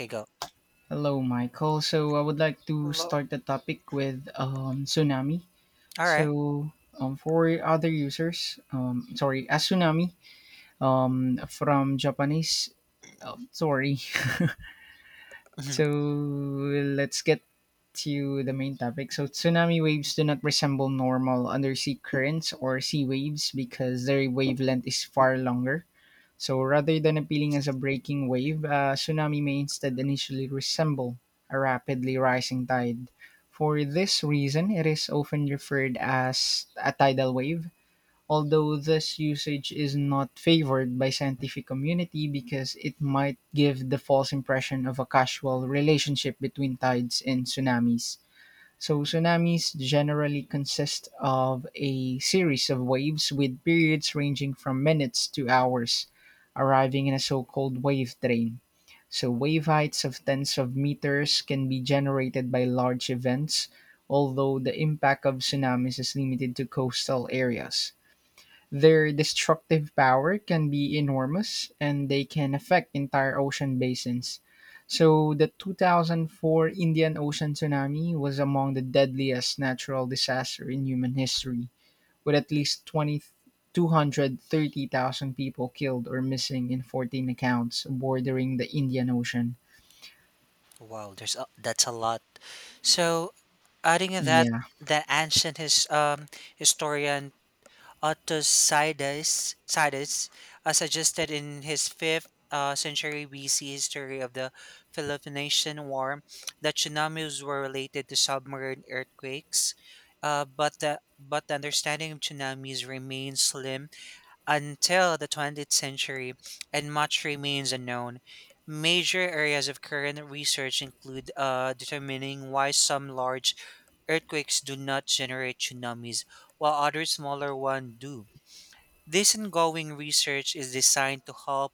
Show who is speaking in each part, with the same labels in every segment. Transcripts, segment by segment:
Speaker 1: Okay, go.
Speaker 2: Hello, Michael. So I would like to
Speaker 1: Hello.
Speaker 2: start the topic with tsunami.
Speaker 1: All right.
Speaker 2: So for other users, sorry, a tsunami from Japanese. Sorry.
Speaker 1: Mhm.
Speaker 2: So let's get to the main topic. So tsunami waves do not resemble normal undersea currents or sea waves because their wavelength is far longer. So rather than appealing as a breaking wave, a tsunami may instead initially resemble a rapidly rising tide. For this reason, it is often referred as a tidal wave, although this usage is not favored by scientific community because it might give the false impression of a casual relationship between tides and tsunamis. So tsunamis generally consist of a series of waves with periods ranging from minutes to hours, arriving in a so-called wave train. So wave heights of tens of meters can be generated by large events, although the impact of tsunamis is limited to coastal areas. Their destructive power can be enormous and they can affect entire ocean basins. So, the 2004 Indian Ocean tsunami was among the deadliest natural disaster in human history, with at least twenty two hundred thirty thousand people killed or missing in 14 accounts bordering the Indian Ocean.
Speaker 1: Wow, that's a lot. So, adding to that,
Speaker 2: Yeah.
Speaker 1: the ancient historian Artosides Sides suggested in his fifth century BC history of the Peloponnesian War that tsunamis were related to submarine earthquakes, but the understanding of tsunamis remains slim until the 20th century, and much remains unknown. Major areas of current research include determining why some large earthquakes do not generate tsunamis, while other smaller ones do. This ongoing research is designed to help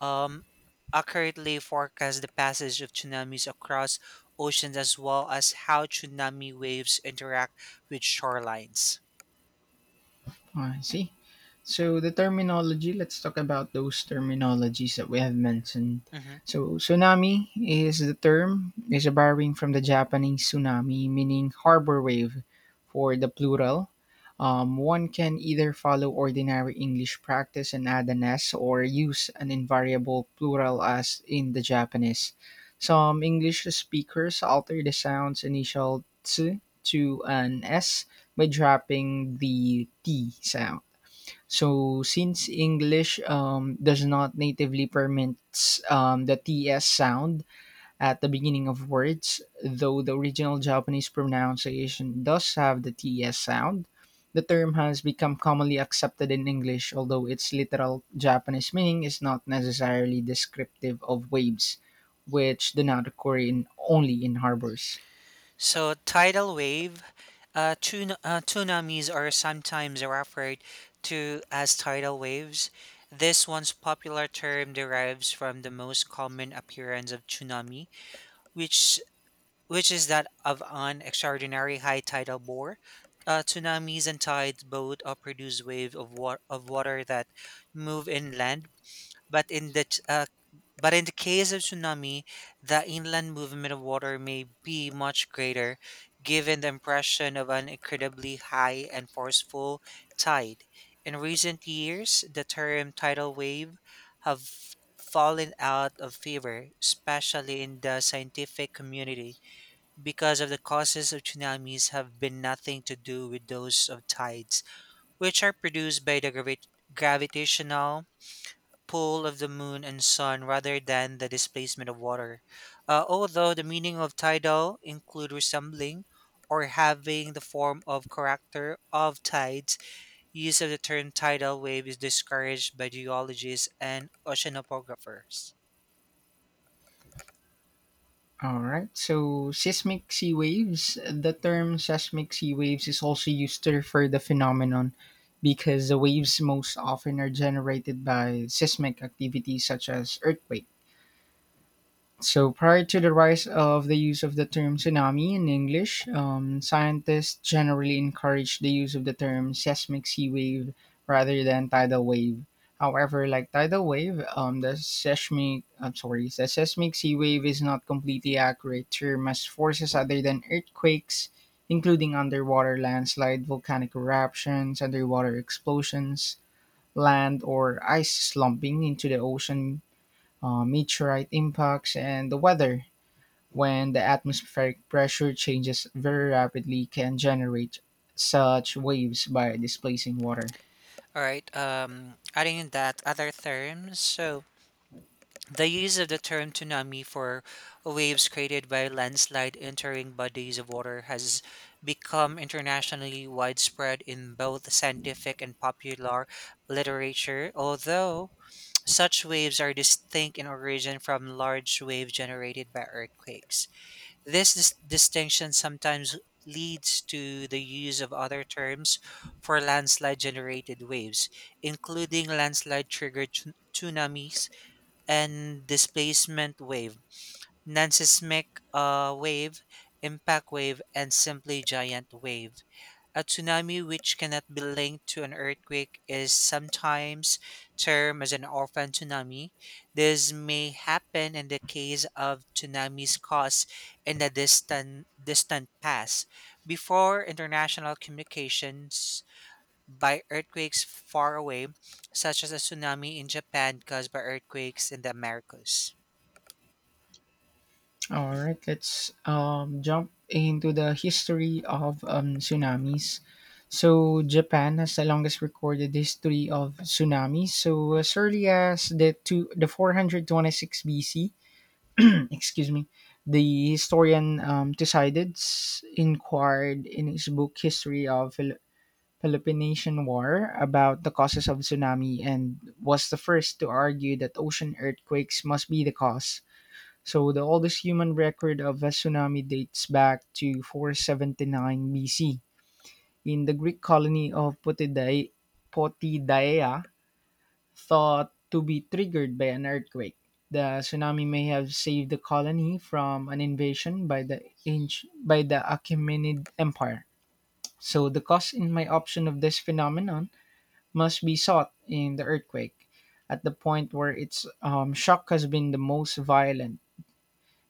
Speaker 1: um, accurately forecast the passage of tsunamis across oceans as well as how tsunami waves interact with shorelines.
Speaker 2: Ah, I see. So the terminology, let's talk about those terminologies that we have mentioned.
Speaker 1: Mhm.
Speaker 2: So tsunami is the term is borrowing from the Japanese tsunami, meaning harbor wave for the plural. One can either follow ordinary English practice and add an S or use an invariable plural as in the Japanese. Some English speakers alter the sound's initial ts to an S by dropping the T sound. So since English does not natively permit the TS sound at the beginning of words, though the original Japanese pronunciation does have the TS sound, the term has become commonly accepted in English, although its literal Japanese meaning is not necessarily descriptive of waves, which do not occur in only in harbors.
Speaker 1: So, tidal wave, tun tsunamis are sometimes referred to as tidal waves. This one's popular term derives from the most common appearance of tsunami, which which is that of an extraordinary high tidal bore. Tsunamis and tides both produce waves of water that move inland but in the t- uh, but in the case of tsunami, the inland movement of water may be much greater, given the impression of an incredibly high and forceful tide. In recent years, the term tidal wave have fallen out of favor, especially in the scientific community, because of the causes of tsunamis have been nothing to do with those of tides, which are produced by the gravitational pull of the moon and sun rather than the displacement of water. Although the meaning of tidal include resembling or having the form of character of tides, use of the term tidal wave is discouraged by geologists and oceanographers.
Speaker 2: All right. So, seismic sea waves. The term seismic sea waves is also used to refer the phenomenon because the waves most often are generated by seismic activity such as earthquake. So, prior to the rise of the use of the term tsunami in English, scientists generally encouraged the use of the term seismic sea wave rather than tidal wave. However, like tidal wave, the seismic I'm sorry, the seismic sea wave is not completely accurate term as forces other than earthquakes, including underwater landslide, volcanic eruptions, underwater explosions, land or ice slumping into the ocean, meteorite impacts, and the weather, when the atmospheric pressure changes very rapidly, can generate such waves by displacing water.
Speaker 1: All right, adding in that other terms, so the use of the term tsunami for waves created by landslide entering bodies of water has become internationally widespread in both scientific and popular literature, although such waves are distinct in origin from large waves generated by earthquakes. This distinction sometimes leads to the use of other terms for landslide generated waves, including landslide triggered tsunamis and displacement wave, nansismic wave, impact wave, and simply giant wave. A tsunami, which cannot be linked to an earthquake, is sometimes termed as an orphan tsunami. This may happen in the case of tsunamis caused in the distant past, before international communications by earthquakes far away, such as a tsunami in Japan caused by earthquakes in the Americas.
Speaker 2: All right, let's jump into the history of tsunamis. So, Japan has the longest recorded history of tsunamis. So, as early as the the 426 BC, excuse me, the historian Thucydides inquired in his book History of Peloponnesian War about the causes of tsunami and was the first to argue that ocean earthquakes must be the cause. So the oldest human record of a tsunami dates back to 479 BC in the Greek colony of Potidaea thought to be triggered by an earthquake. The tsunami may have saved the colony from an invasion by the Achaemenid Empire. So the cause in my option of this phenomenon must be sought in the earthquake, at the point where its shock has been the most violent.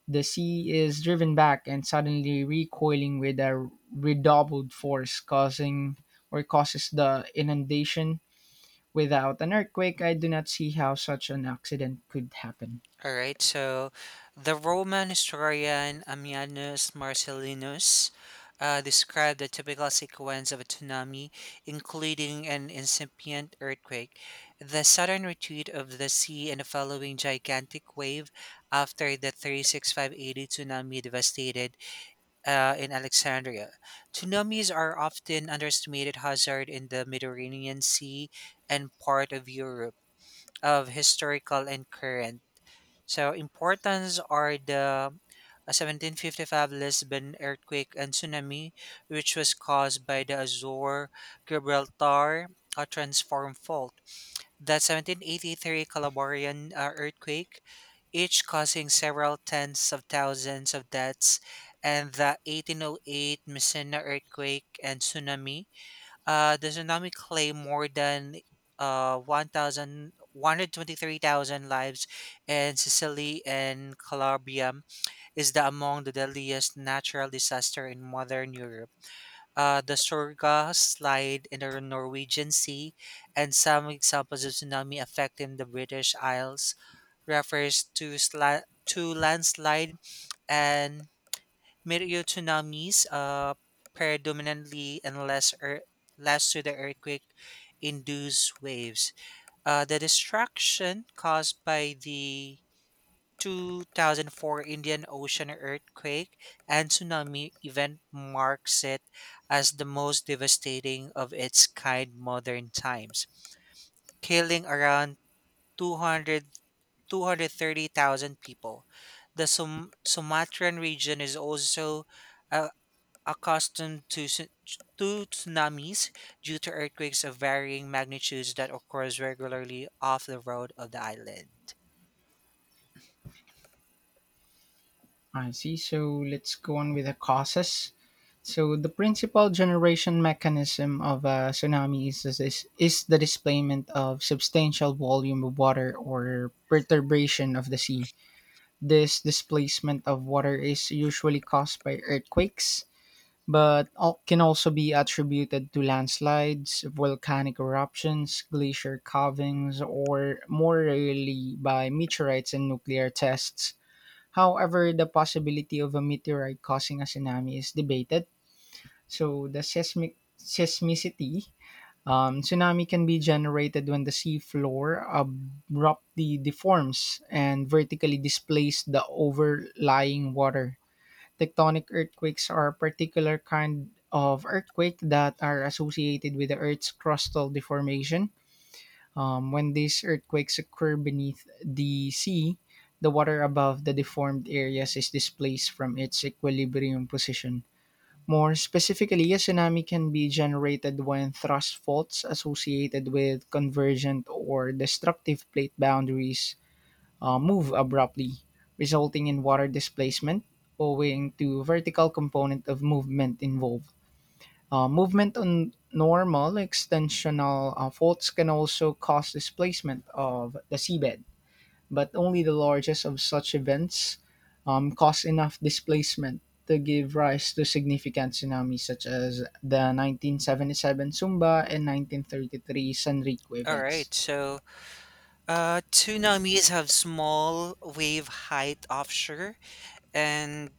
Speaker 2: The sea is driven back and suddenly recoiling with a redoubled force, causing or causes the inundation. Without an earthquake, I do not see how such an accident could happen.
Speaker 1: All right, so the Roman historian Ammianus Marcellinus described the typical sequence of a tsunami, including an incipient earthquake, the sudden retreat of the sea, and the following gigantic wave after the 365 AD tsunami devastated in Alexandria. Tsunamis are often underestimated hazard in the Mediterranean Sea and part of Europe of historical and current. So importance are the 1755 Lisbon earthquake and tsunami, which was caused by the Azore Gibraltar transform fault. The 1783 Calabrian earthquake, each causing several tens of thousands of deaths, and the 1808 Messina earthquake and tsunami. The tsunami claimed more than 1,000 lives in Sicily and Calabria is the among the deadliest natural disaster in modern Europe the Sorga slide in the Norwegian Sea, and some examples of tsunami affecting the British Isles refers to to landslide and meteor tsunamis, predominantly and less to the earthquake induced waves. The destruction caused by the 2004 Indian Ocean earthquake and tsunami event marks it as the most devastating of its kind modern times, killing around 200 230,000 people. The Sumatran region is also uh, accustomed to tsunamis due to earthquakes of varying magnitudes that occurs regularly off the road of the island.
Speaker 2: I see. So let's go on with the causes. So the principal generation mechanism of a tsunami is the displacement of substantial volume of water or perturbation of the sea. This displacement of water is usually caused by earthquakes, but can also be attributed to landslides, volcanic eruptions, glacier calvings, or more rarely by meteorites and nuclear tests. However, the possibility of a meteorite causing a tsunami is debated. So, the seismicity tsunami can be generated when the sea floor abruptly deforms and vertically displaces the overlying water. Tectonic earthquakes are a particular kind of earthquake that are associated with the Earth's crustal deformation. When these earthquakes occur beneath the sea, the water above the deformed areas is displaced from its equilibrium position. More specifically, a tsunami can be generated when thrust faults associated with convergent or destructive plate boundaries move abruptly, resulting in water displacement owing to vertical component of movement involved. Movement on normal extensional faults can also cause displacement of the seabed, but only the largest of such events cause enough displacement to give rise to significant tsunamis such as the 1977 Sumba and 1933 Sanriku
Speaker 1: All
Speaker 2: events.
Speaker 1: right, so tsunamis have small wave height offshore, and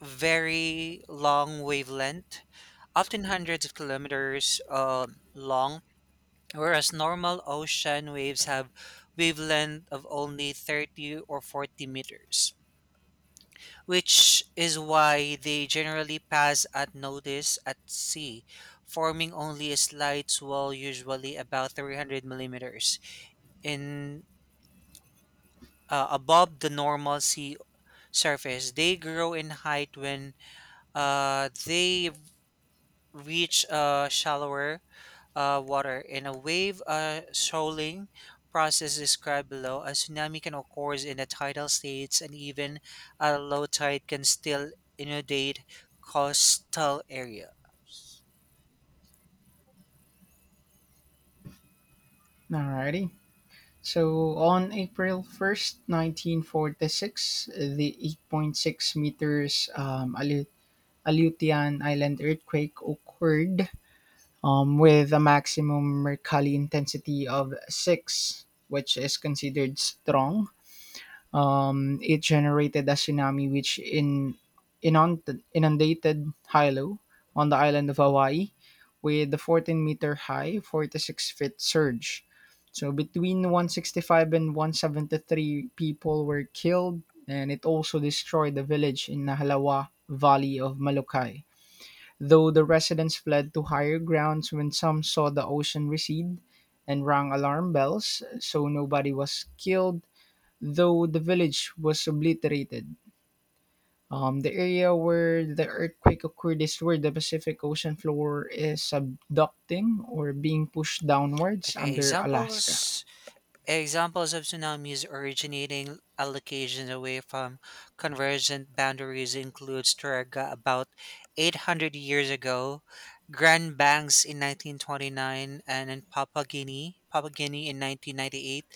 Speaker 1: very long wavelength, often hundreds of kilometers long, whereas normal ocean waves have wavelength of only 30 or 40 meters, which is why they generally pass unnoticed at sea, forming only a slight swell, usually about 300 millimeters, in above the normal sea surface. They grow in height when they reach shallower water. In a wave shoaling process described below, a tsunami can occur in the tidal states, and even a low tide can still inundate coastal areas.
Speaker 2: Alrighty. So on April 1st, 1946, the 8.6 meters Aleutian Island earthquake occurred with a maximum Mercalli intensity of 6, which is considered strong. It generated a tsunami which inundated Hilo on the island of Hawaii with a 14-meter high, 46 feet surge. So between 165 and 173 people were killed, and it also destroyed the village in Nahalawa Valley of Molokai. Though the residents fled to higher grounds when some saw the ocean recede and rang alarm bells, so nobody was killed though the village was obliterated. The area where the earthquake occurred is where the Pacific Ocean floor is subducting or being pushed downwards
Speaker 1: Okay,
Speaker 2: under Alaska.
Speaker 1: examples Examples of tsunamis originating allocations away from convergent boundaries include Sturga about 800 years ago, Grand Banks in 1929, and in Papua Guinea in 1998,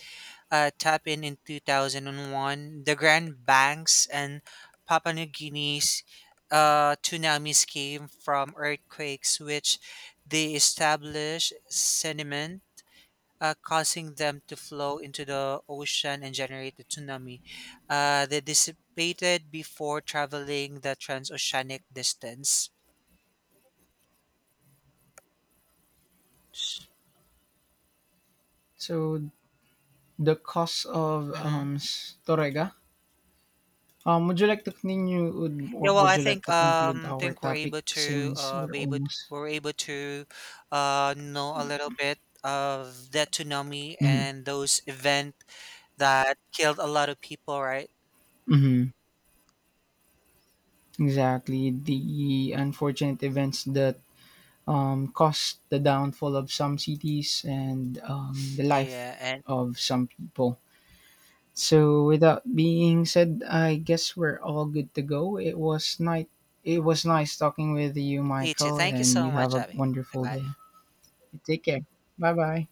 Speaker 1: Tap in 2001, the Grand Banks and Papua New Guinea's tsunamis came from earthquakes, which they established sediment causing them to flow into the ocean and generate a tsunami. They dissipated before traveling the transoceanic distance.
Speaker 2: So the cause of
Speaker 1: Hmm.
Speaker 2: Torega. Would you like to continue or
Speaker 1: Yeah, well,
Speaker 2: would
Speaker 1: I
Speaker 2: you like
Speaker 1: think
Speaker 2: to conclude
Speaker 1: um,
Speaker 2: our
Speaker 1: think we're
Speaker 2: topic
Speaker 1: able to
Speaker 2: since we're almost.
Speaker 1: we're able to know a little bit of that tsunami
Speaker 2: Hmm.
Speaker 1: and those event that killed a lot of people, right?
Speaker 2: Hmm. Exactly. The unfortunate events that caused the downfall of some cities and the life
Speaker 1: Yeah, and
Speaker 2: of some people. So, without being said, I guess we're all good to go. It was night. It was nice talking with you,
Speaker 1: Ichi,
Speaker 2: Michael,
Speaker 1: thank you
Speaker 2: and
Speaker 1: so
Speaker 2: you have
Speaker 1: much,
Speaker 2: a
Speaker 1: Abby. Bye
Speaker 2: wonderful
Speaker 1: bye.
Speaker 2: day. Take care. Bye bye.